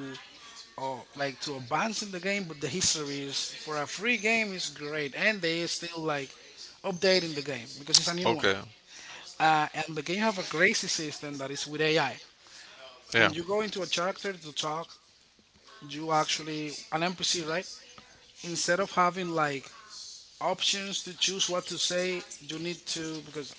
Speaker 1: or like to advance in the game. But the history, is for a free game, is great, and they are still like updating the game because it's a new one.
Speaker 2: Okay.
Speaker 1: Uh, and the game have a crazy system that is with AI. When
Speaker 2: Yeah.
Speaker 1: you go into a character to talk, you actually an NPC, right? Instead of having like options to choose what to say. You need to, because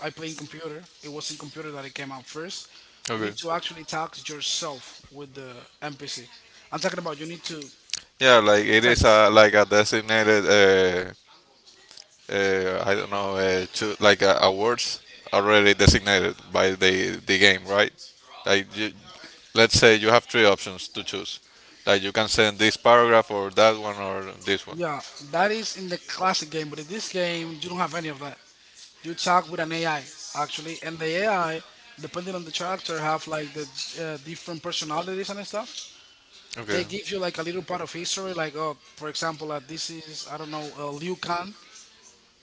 Speaker 1: I play in computer. It was in computer that it came out first. You
Speaker 2: Okay.
Speaker 1: need to actually talk to yourself with the N P C. I'm talking about you need to
Speaker 2: Yeah, like it
Speaker 1: text.
Speaker 2: is a like a designated uh, uh I don't know uh cho- like a awards already designated by the the game, right? Like you, let's say you have three options to choose. Like you can send this paragraph or that one or this one.
Speaker 1: Yeah, that is in the classic game, but in this game you don't have any of that. You talk with an A I actually, and the A I, depending on the character, have like the uh, different personalities and stuff.
Speaker 2: Okay.
Speaker 1: They give you like a little part of history, like, oh, for example, uh, this is, I don't know, uh, Liu Kang,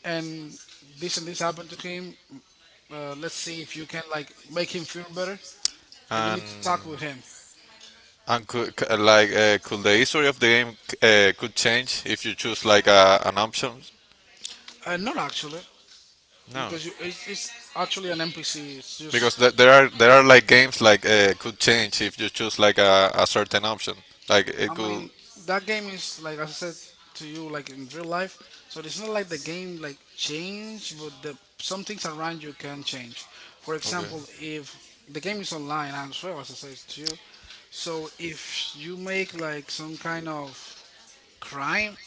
Speaker 1: and this and this happened to him. Uh, let's see if you can like make him feel better, and you need to
Speaker 2: And
Speaker 1: talk with him.
Speaker 2: And could, c- like uh, could the history of the game uh, could change if you choose like a, an option?
Speaker 1: Uh, not actually,
Speaker 2: No,
Speaker 1: because you, it's, it's actually an N P C. It's
Speaker 2: because
Speaker 1: just,
Speaker 2: th- there are there are like games like uh, could change if you choose like a, a certain option. Like
Speaker 1: I
Speaker 2: it could.
Speaker 1: mean, that game is, like as I said to you, like in real life. So it's not like the game like change, but the some things around you can change. For
Speaker 2: Okay.
Speaker 1: example, if the game is online as well, as I said to you. So if you make like some kind of crime,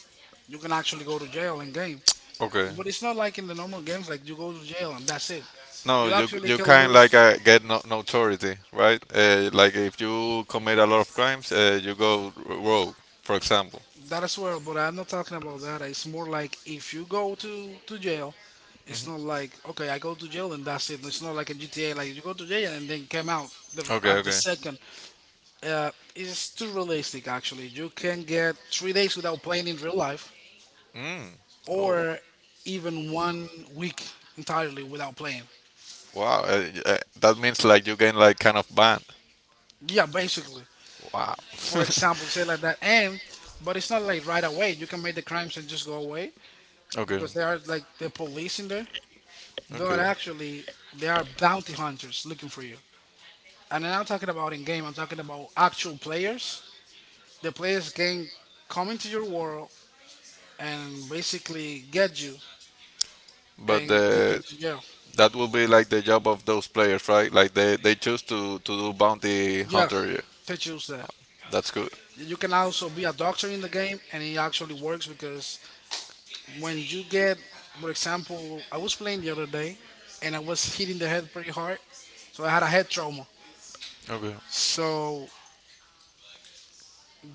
Speaker 1: you can actually go to jail in game.
Speaker 2: Okay.
Speaker 1: But it's not like in the normal games, like you go to jail and that's it.
Speaker 2: No,
Speaker 1: You
Speaker 2: you
Speaker 1: actually
Speaker 2: you
Speaker 1: can
Speaker 2: can
Speaker 1: lose.
Speaker 2: like uh, get no, notoriety, right? Uh, like if you commit a lot of crimes, uh, you go rogue, for example.
Speaker 1: That as well, but I'm not talking about that. It's more like if you go to, to jail, it's not like, okay, I go to jail and that's it. It's not like in G T A, like you go to jail and then come out the,
Speaker 2: Okay,
Speaker 1: at the
Speaker 2: okay.
Speaker 1: second. Uh, it's too realistic, actually. You can get three days without playing in real life,
Speaker 2: Mm, oh,
Speaker 1: or even one week entirely without playing.
Speaker 2: wow. Uh, y- uh, that means like you gain like kind of ban.
Speaker 1: Yeah, basically,
Speaker 2: Wow.
Speaker 1: for example, say like that. And but it's not like right away. You can make the crimes and just go away,
Speaker 2: [laughs] Okay,
Speaker 1: because there are like the police in there. But
Speaker 2: okay.
Speaker 1: actually, they are bounty hunters looking for you. And I'm not talking about in game. I'm talking about actual players. The players can come into your world and basically get you
Speaker 2: But
Speaker 1: and take you
Speaker 2: the
Speaker 1: to jail.
Speaker 2: that will be like the job of those players, right? Like they they choose to to do bounty
Speaker 1: Yeah,
Speaker 2: hunter. Yeah.
Speaker 1: to choose that.
Speaker 2: That's good.
Speaker 1: You can also be a doctor in the game, and it actually works because when you get, for example, I was playing the other day and I was hitting the head pretty hard, so I had a head trauma.
Speaker 2: Okay.
Speaker 1: So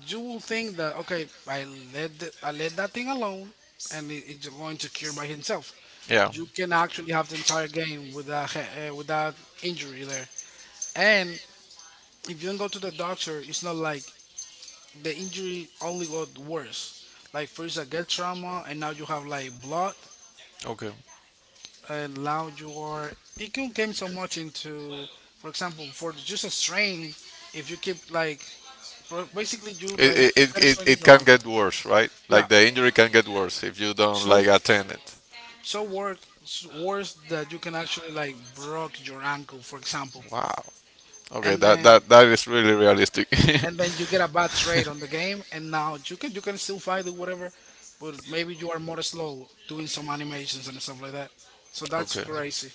Speaker 1: you will think that, okay, I let the, I let that thing alone and it, it's going to cure by himself.
Speaker 2: Yeah.
Speaker 1: You can actually have the entire game without he- uh, without injury there. And if you don't go to the doctor, it's not like the injury only got worse. Like first I get trauma and now you have like blood,
Speaker 2: Okay.
Speaker 1: uh, loud you are. It can come so much into, for example, for just a strain. If you keep like, bro- basically you like
Speaker 2: It, it,
Speaker 1: got a
Speaker 2: it,
Speaker 1: strain in
Speaker 2: it,
Speaker 1: your
Speaker 2: can
Speaker 1: ankle.
Speaker 2: get worse, right?
Speaker 1: Yeah,
Speaker 2: Like the injury can get worse if you don't
Speaker 1: so
Speaker 2: like attend it.
Speaker 1: so worse so worse that you can actually like broke your ankle, for example,
Speaker 2: Wow. Okay,
Speaker 1: and
Speaker 2: that
Speaker 1: then
Speaker 2: that, that is really realistic. [laughs]
Speaker 1: and then you get a bad trade on the game, and now you can you can still fight it whatever, but maybe you are more slow doing some animations and stuff like that. So that's
Speaker 2: Okay.
Speaker 1: crazy.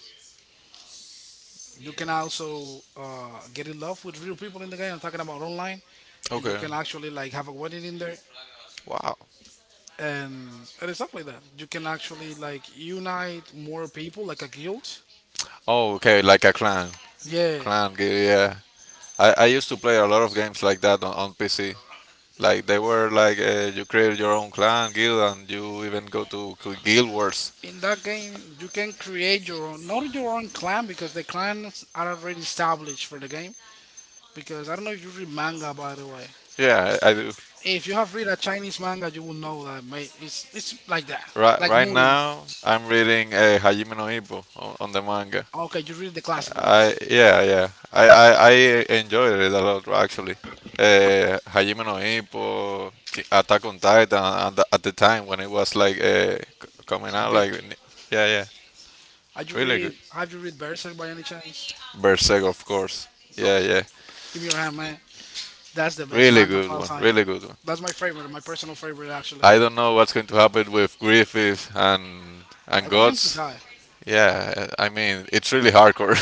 Speaker 1: You can also uh, get in love with real people in the game. I'm talking about online, and you
Speaker 2: Okay.
Speaker 1: can actually like have a wedding in there
Speaker 2: Wow.
Speaker 1: and and stuff like that. You can actually like unite more people, like a guild.
Speaker 2: Oh, okay, like a clan.
Speaker 1: Yeah,
Speaker 2: Clan, g- yeah. I, I used to play a lot of games like that on, on P C. Like they were like uh, you create your own clan guild and you even go to, to guild wars.
Speaker 1: in that game you can create your own, not your own clan because the clans are already established for the game. Because I don't know if you read manga, by the way.
Speaker 2: Yeah, I, I do.
Speaker 1: If you have read a Chinese manga, you will know that, mate, it's it's like that,
Speaker 2: Right,
Speaker 1: like
Speaker 2: right
Speaker 1: Murin.
Speaker 2: now, I'm reading uh, Hajime no Ippo on, on the manga.
Speaker 1: Okay, you read the classic ones,
Speaker 2: I yeah yeah I, I, I enjoyed it a lot actually. Uh, Hajime no Ippo, Chi- Attack on Titan at the, at the time when it was like uh, c- coming out
Speaker 1: big.
Speaker 2: like yeah yeah
Speaker 1: Have you
Speaker 2: really
Speaker 1: read
Speaker 2: good.
Speaker 1: Have you read Berserk by any chance?
Speaker 2: Berserk of course
Speaker 1: No.
Speaker 2: yeah yeah
Speaker 1: Give me your hand, man. That's the best
Speaker 2: really
Speaker 1: manga of
Speaker 2: good
Speaker 1: all
Speaker 2: one
Speaker 1: time.
Speaker 2: really good one.
Speaker 1: That's my favorite, my personal favorite actually.
Speaker 2: I don't know what's going to happen with Griffith and and
Speaker 1: I want him to
Speaker 2: Gods.
Speaker 1: die.
Speaker 2: Yeah, I mean it's really hardcore.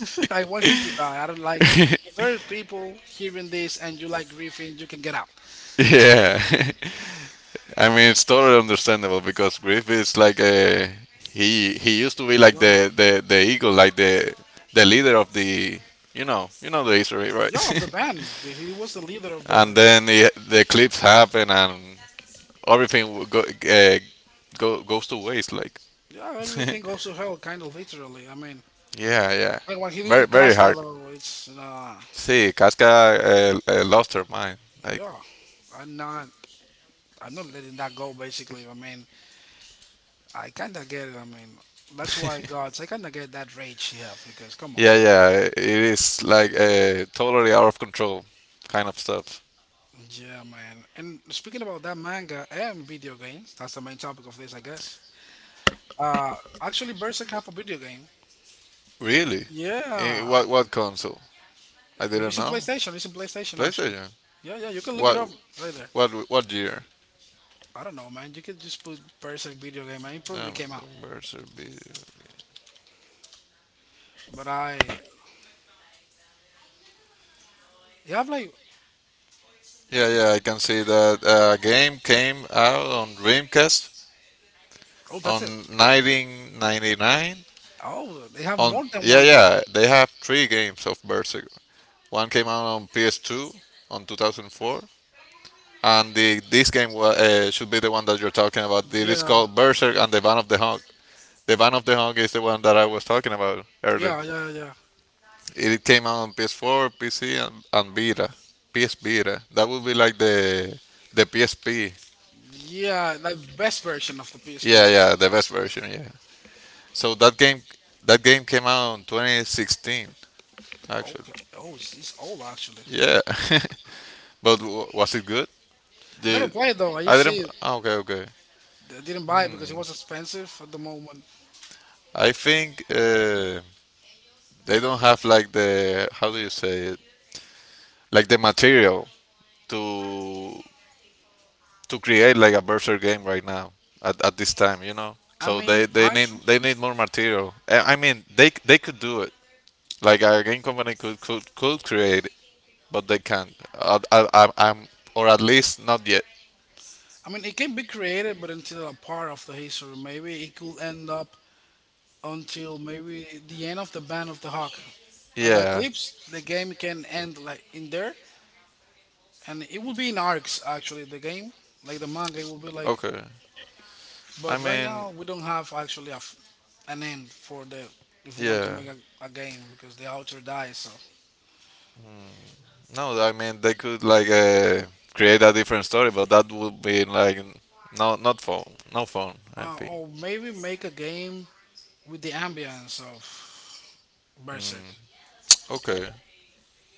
Speaker 1: [laughs] I want him to die. I don't like, if
Speaker 2: [laughs]
Speaker 1: there is people hearing this and you like Griffin, you can get out.
Speaker 2: Yeah, [laughs] I mean it's totally understandable because Griff is like a he he used to be like
Speaker 1: Yo,
Speaker 2: the the, the eagle, like the the leader of the you know you know the history, right?
Speaker 1: yo of the
Speaker 2: [laughs]
Speaker 1: band. The- He was the leader of
Speaker 2: And
Speaker 1: the
Speaker 2: then the, the eclipse happened and everything w- go, uh, go goes to waste. Like
Speaker 1: Yeah,
Speaker 2: [laughs]
Speaker 1: everything goes to hell, kinda literally. I mean,
Speaker 2: yeah, yeah,
Speaker 1: and what he did
Speaker 2: very
Speaker 1: to
Speaker 2: very
Speaker 1: Casca
Speaker 2: hard.
Speaker 1: though, it's uh,
Speaker 2: See, Casca uh, uh, lost her mind. Like
Speaker 1: yeah. I'm not I'm not letting that go basically. I mean, I kind of get it. I mean, that's why gods. I kind of get that rage you have because come on,
Speaker 2: yeah,
Speaker 1: bro.
Speaker 2: yeah, it is like uh, totally out of control kind of stuff.
Speaker 1: Yeah, man. And speaking about that manga and video games, that's the main topic of this, I guess. Uh, actually, Berserk have a video game.
Speaker 2: Really? Eh,
Speaker 1: Yeah,
Speaker 2: what what console? I didn't
Speaker 1: it's in
Speaker 2: know.
Speaker 1: PlayStation. It's in PlayStation actually.
Speaker 2: PlayStation.
Speaker 1: Yeah, yeah. You can look it
Speaker 2: What
Speaker 1: up right there.
Speaker 2: what what year?
Speaker 1: I don't know, man. You could just put Berserk video game, and it probably
Speaker 2: Um,
Speaker 1: came out.
Speaker 2: Mercer B-
Speaker 1: But I, you have like,
Speaker 2: Yeah, yeah, I can see that uh, game came out on Dreamcast
Speaker 1: oh, that's
Speaker 2: on
Speaker 1: it.
Speaker 2: nineteen ninety-nine.
Speaker 1: Oh, they have
Speaker 2: On
Speaker 1: more than
Speaker 2: yeah,
Speaker 1: one game.
Speaker 2: yeah, they have three games of Berserk. One came out on P S two on two thousand four, and the this game wa- uh, should be the one that you're talking about. It is
Speaker 1: Yeah,
Speaker 2: called Berserk and the Van of the Hawk. The Van of the Hung is the one that I was talking about earlier.
Speaker 1: yeah, yeah, yeah.
Speaker 2: It came out on P S four, P C, and, and Vita. P S Vita. That would be like the the P S P.
Speaker 1: Yeah, the best version of the P S P
Speaker 2: Yeah,
Speaker 1: was
Speaker 2: yeah, the best version. Yeah. So that game that game came out in twenty sixteen, actually.
Speaker 1: okay. Oh, it's, it's old actually.
Speaker 2: Yeah. [laughs] But w- was it good?
Speaker 1: Never
Speaker 2: The
Speaker 1: played though. I
Speaker 2: I
Speaker 1: just see
Speaker 2: didn't.
Speaker 1: it.
Speaker 2: Ah, okay, okay.
Speaker 1: I didn't buy it because it was expensive at the moment.
Speaker 2: I think uh, they don't have like the how do you say it? Like the material to to create like a Berserk game right now at, at this time, you know.
Speaker 1: I
Speaker 2: So they,
Speaker 1: mean,
Speaker 2: they need
Speaker 1: actually,
Speaker 2: they need more material. I I mean, they they could do it. Like a game company could could, could create it, but they can't. I, I, I'm, I'm or at least not yet.
Speaker 1: I mean, it can be created, but until a part of the history, maybe it could end up until maybe the end of the Band of the Hawk. On the
Speaker 2: Yeah.
Speaker 1: Eclipse, the game can end like in there, and it will be in arcs actually. The game, like the manga, it will be like,
Speaker 2: Okay. I
Speaker 1: but right
Speaker 2: mean,
Speaker 1: now, we don't have actually a f an end for the, if we want to
Speaker 2: yeah.
Speaker 1: make a, a game, because the author dies. So,
Speaker 2: No, I mean they could like uh, create a different story, but that would be like no not fun, no fun. I
Speaker 1: uh,
Speaker 2: think.
Speaker 1: or maybe make a game with the ambience of Berserk.
Speaker 2: Mm, okay.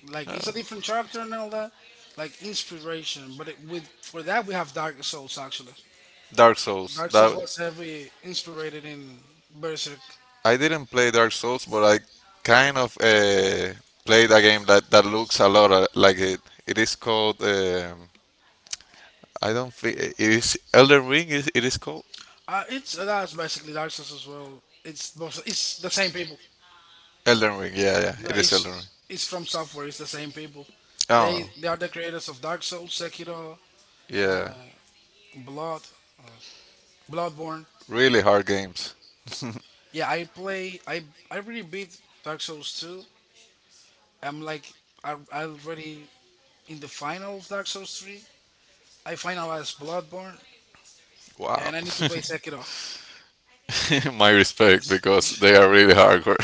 Speaker 1: Like it's
Speaker 2: It's
Speaker 1: a
Speaker 2: a
Speaker 1: different character
Speaker 2: Oh.
Speaker 1: and all that, like inspiration. But it, with for that we have Dark Souls actually.
Speaker 2: Dark Souls.
Speaker 1: Dark Souls
Speaker 2: Dark
Speaker 1: was
Speaker 2: Souls That
Speaker 1: heavily inspired in Berserk.
Speaker 2: I didn't play Dark Souls, but I kind of uh, played a game that, that looks a lot uh, like it. It is called um, I don't think it is Elden Ring. Is it is called
Speaker 1: Uh, it's uh, that's basically Dark Souls as well. It's both- it's the same people.
Speaker 2: Elden Ring? Yeah, yeah,
Speaker 1: Yeah,
Speaker 2: it is
Speaker 1: it's
Speaker 2: Elden Ring.
Speaker 1: it's from software. It's the same people. They
Speaker 2: Oh,
Speaker 1: they
Speaker 2: They
Speaker 1: are the
Speaker 2: they
Speaker 1: creators of Dark Souls, Sekiro,
Speaker 2: yeah,
Speaker 1: Blood, Bloodborne.
Speaker 2: really hard games. [laughs]
Speaker 1: Yeah, I play. I I really beat Dark Souls two. I'm like, I I already in the final of Dark Souls three. I finalized Bloodborne,
Speaker 2: Wow.
Speaker 1: and I need to play
Speaker 2: [laughs]
Speaker 1: Sekiro.
Speaker 2: My respect because they are really hardcore.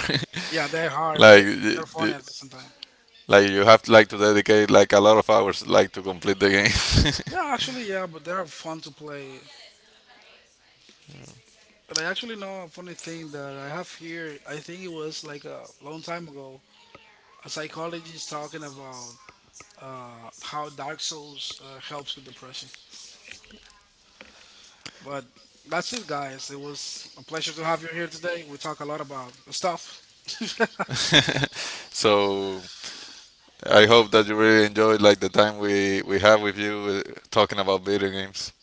Speaker 1: Yeah, they're
Speaker 2: [laughs]
Speaker 1: hard, but
Speaker 2: Like
Speaker 1: it,
Speaker 2: y-
Speaker 1: they're funny
Speaker 2: y-
Speaker 1: at the same time.
Speaker 2: like you have to like to dedicate like a lot of hours like to complete the game.
Speaker 1: No,
Speaker 2: [laughs]
Speaker 1: actually, yeah, but they're fun to play. And I actually know a funny thing that I have here. I think it was like a long time ago. A psychologist talking about uh, how Dark Souls uh, helps with depression. But that's it, guys. It was a pleasure to have you here today. We talk a lot about stuff.
Speaker 2: So I hope that you really enjoyed like the time we we have with you uh, talking about video games.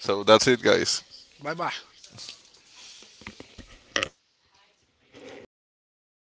Speaker 2: So that's it guys.
Speaker 1: [laughs] bye bye.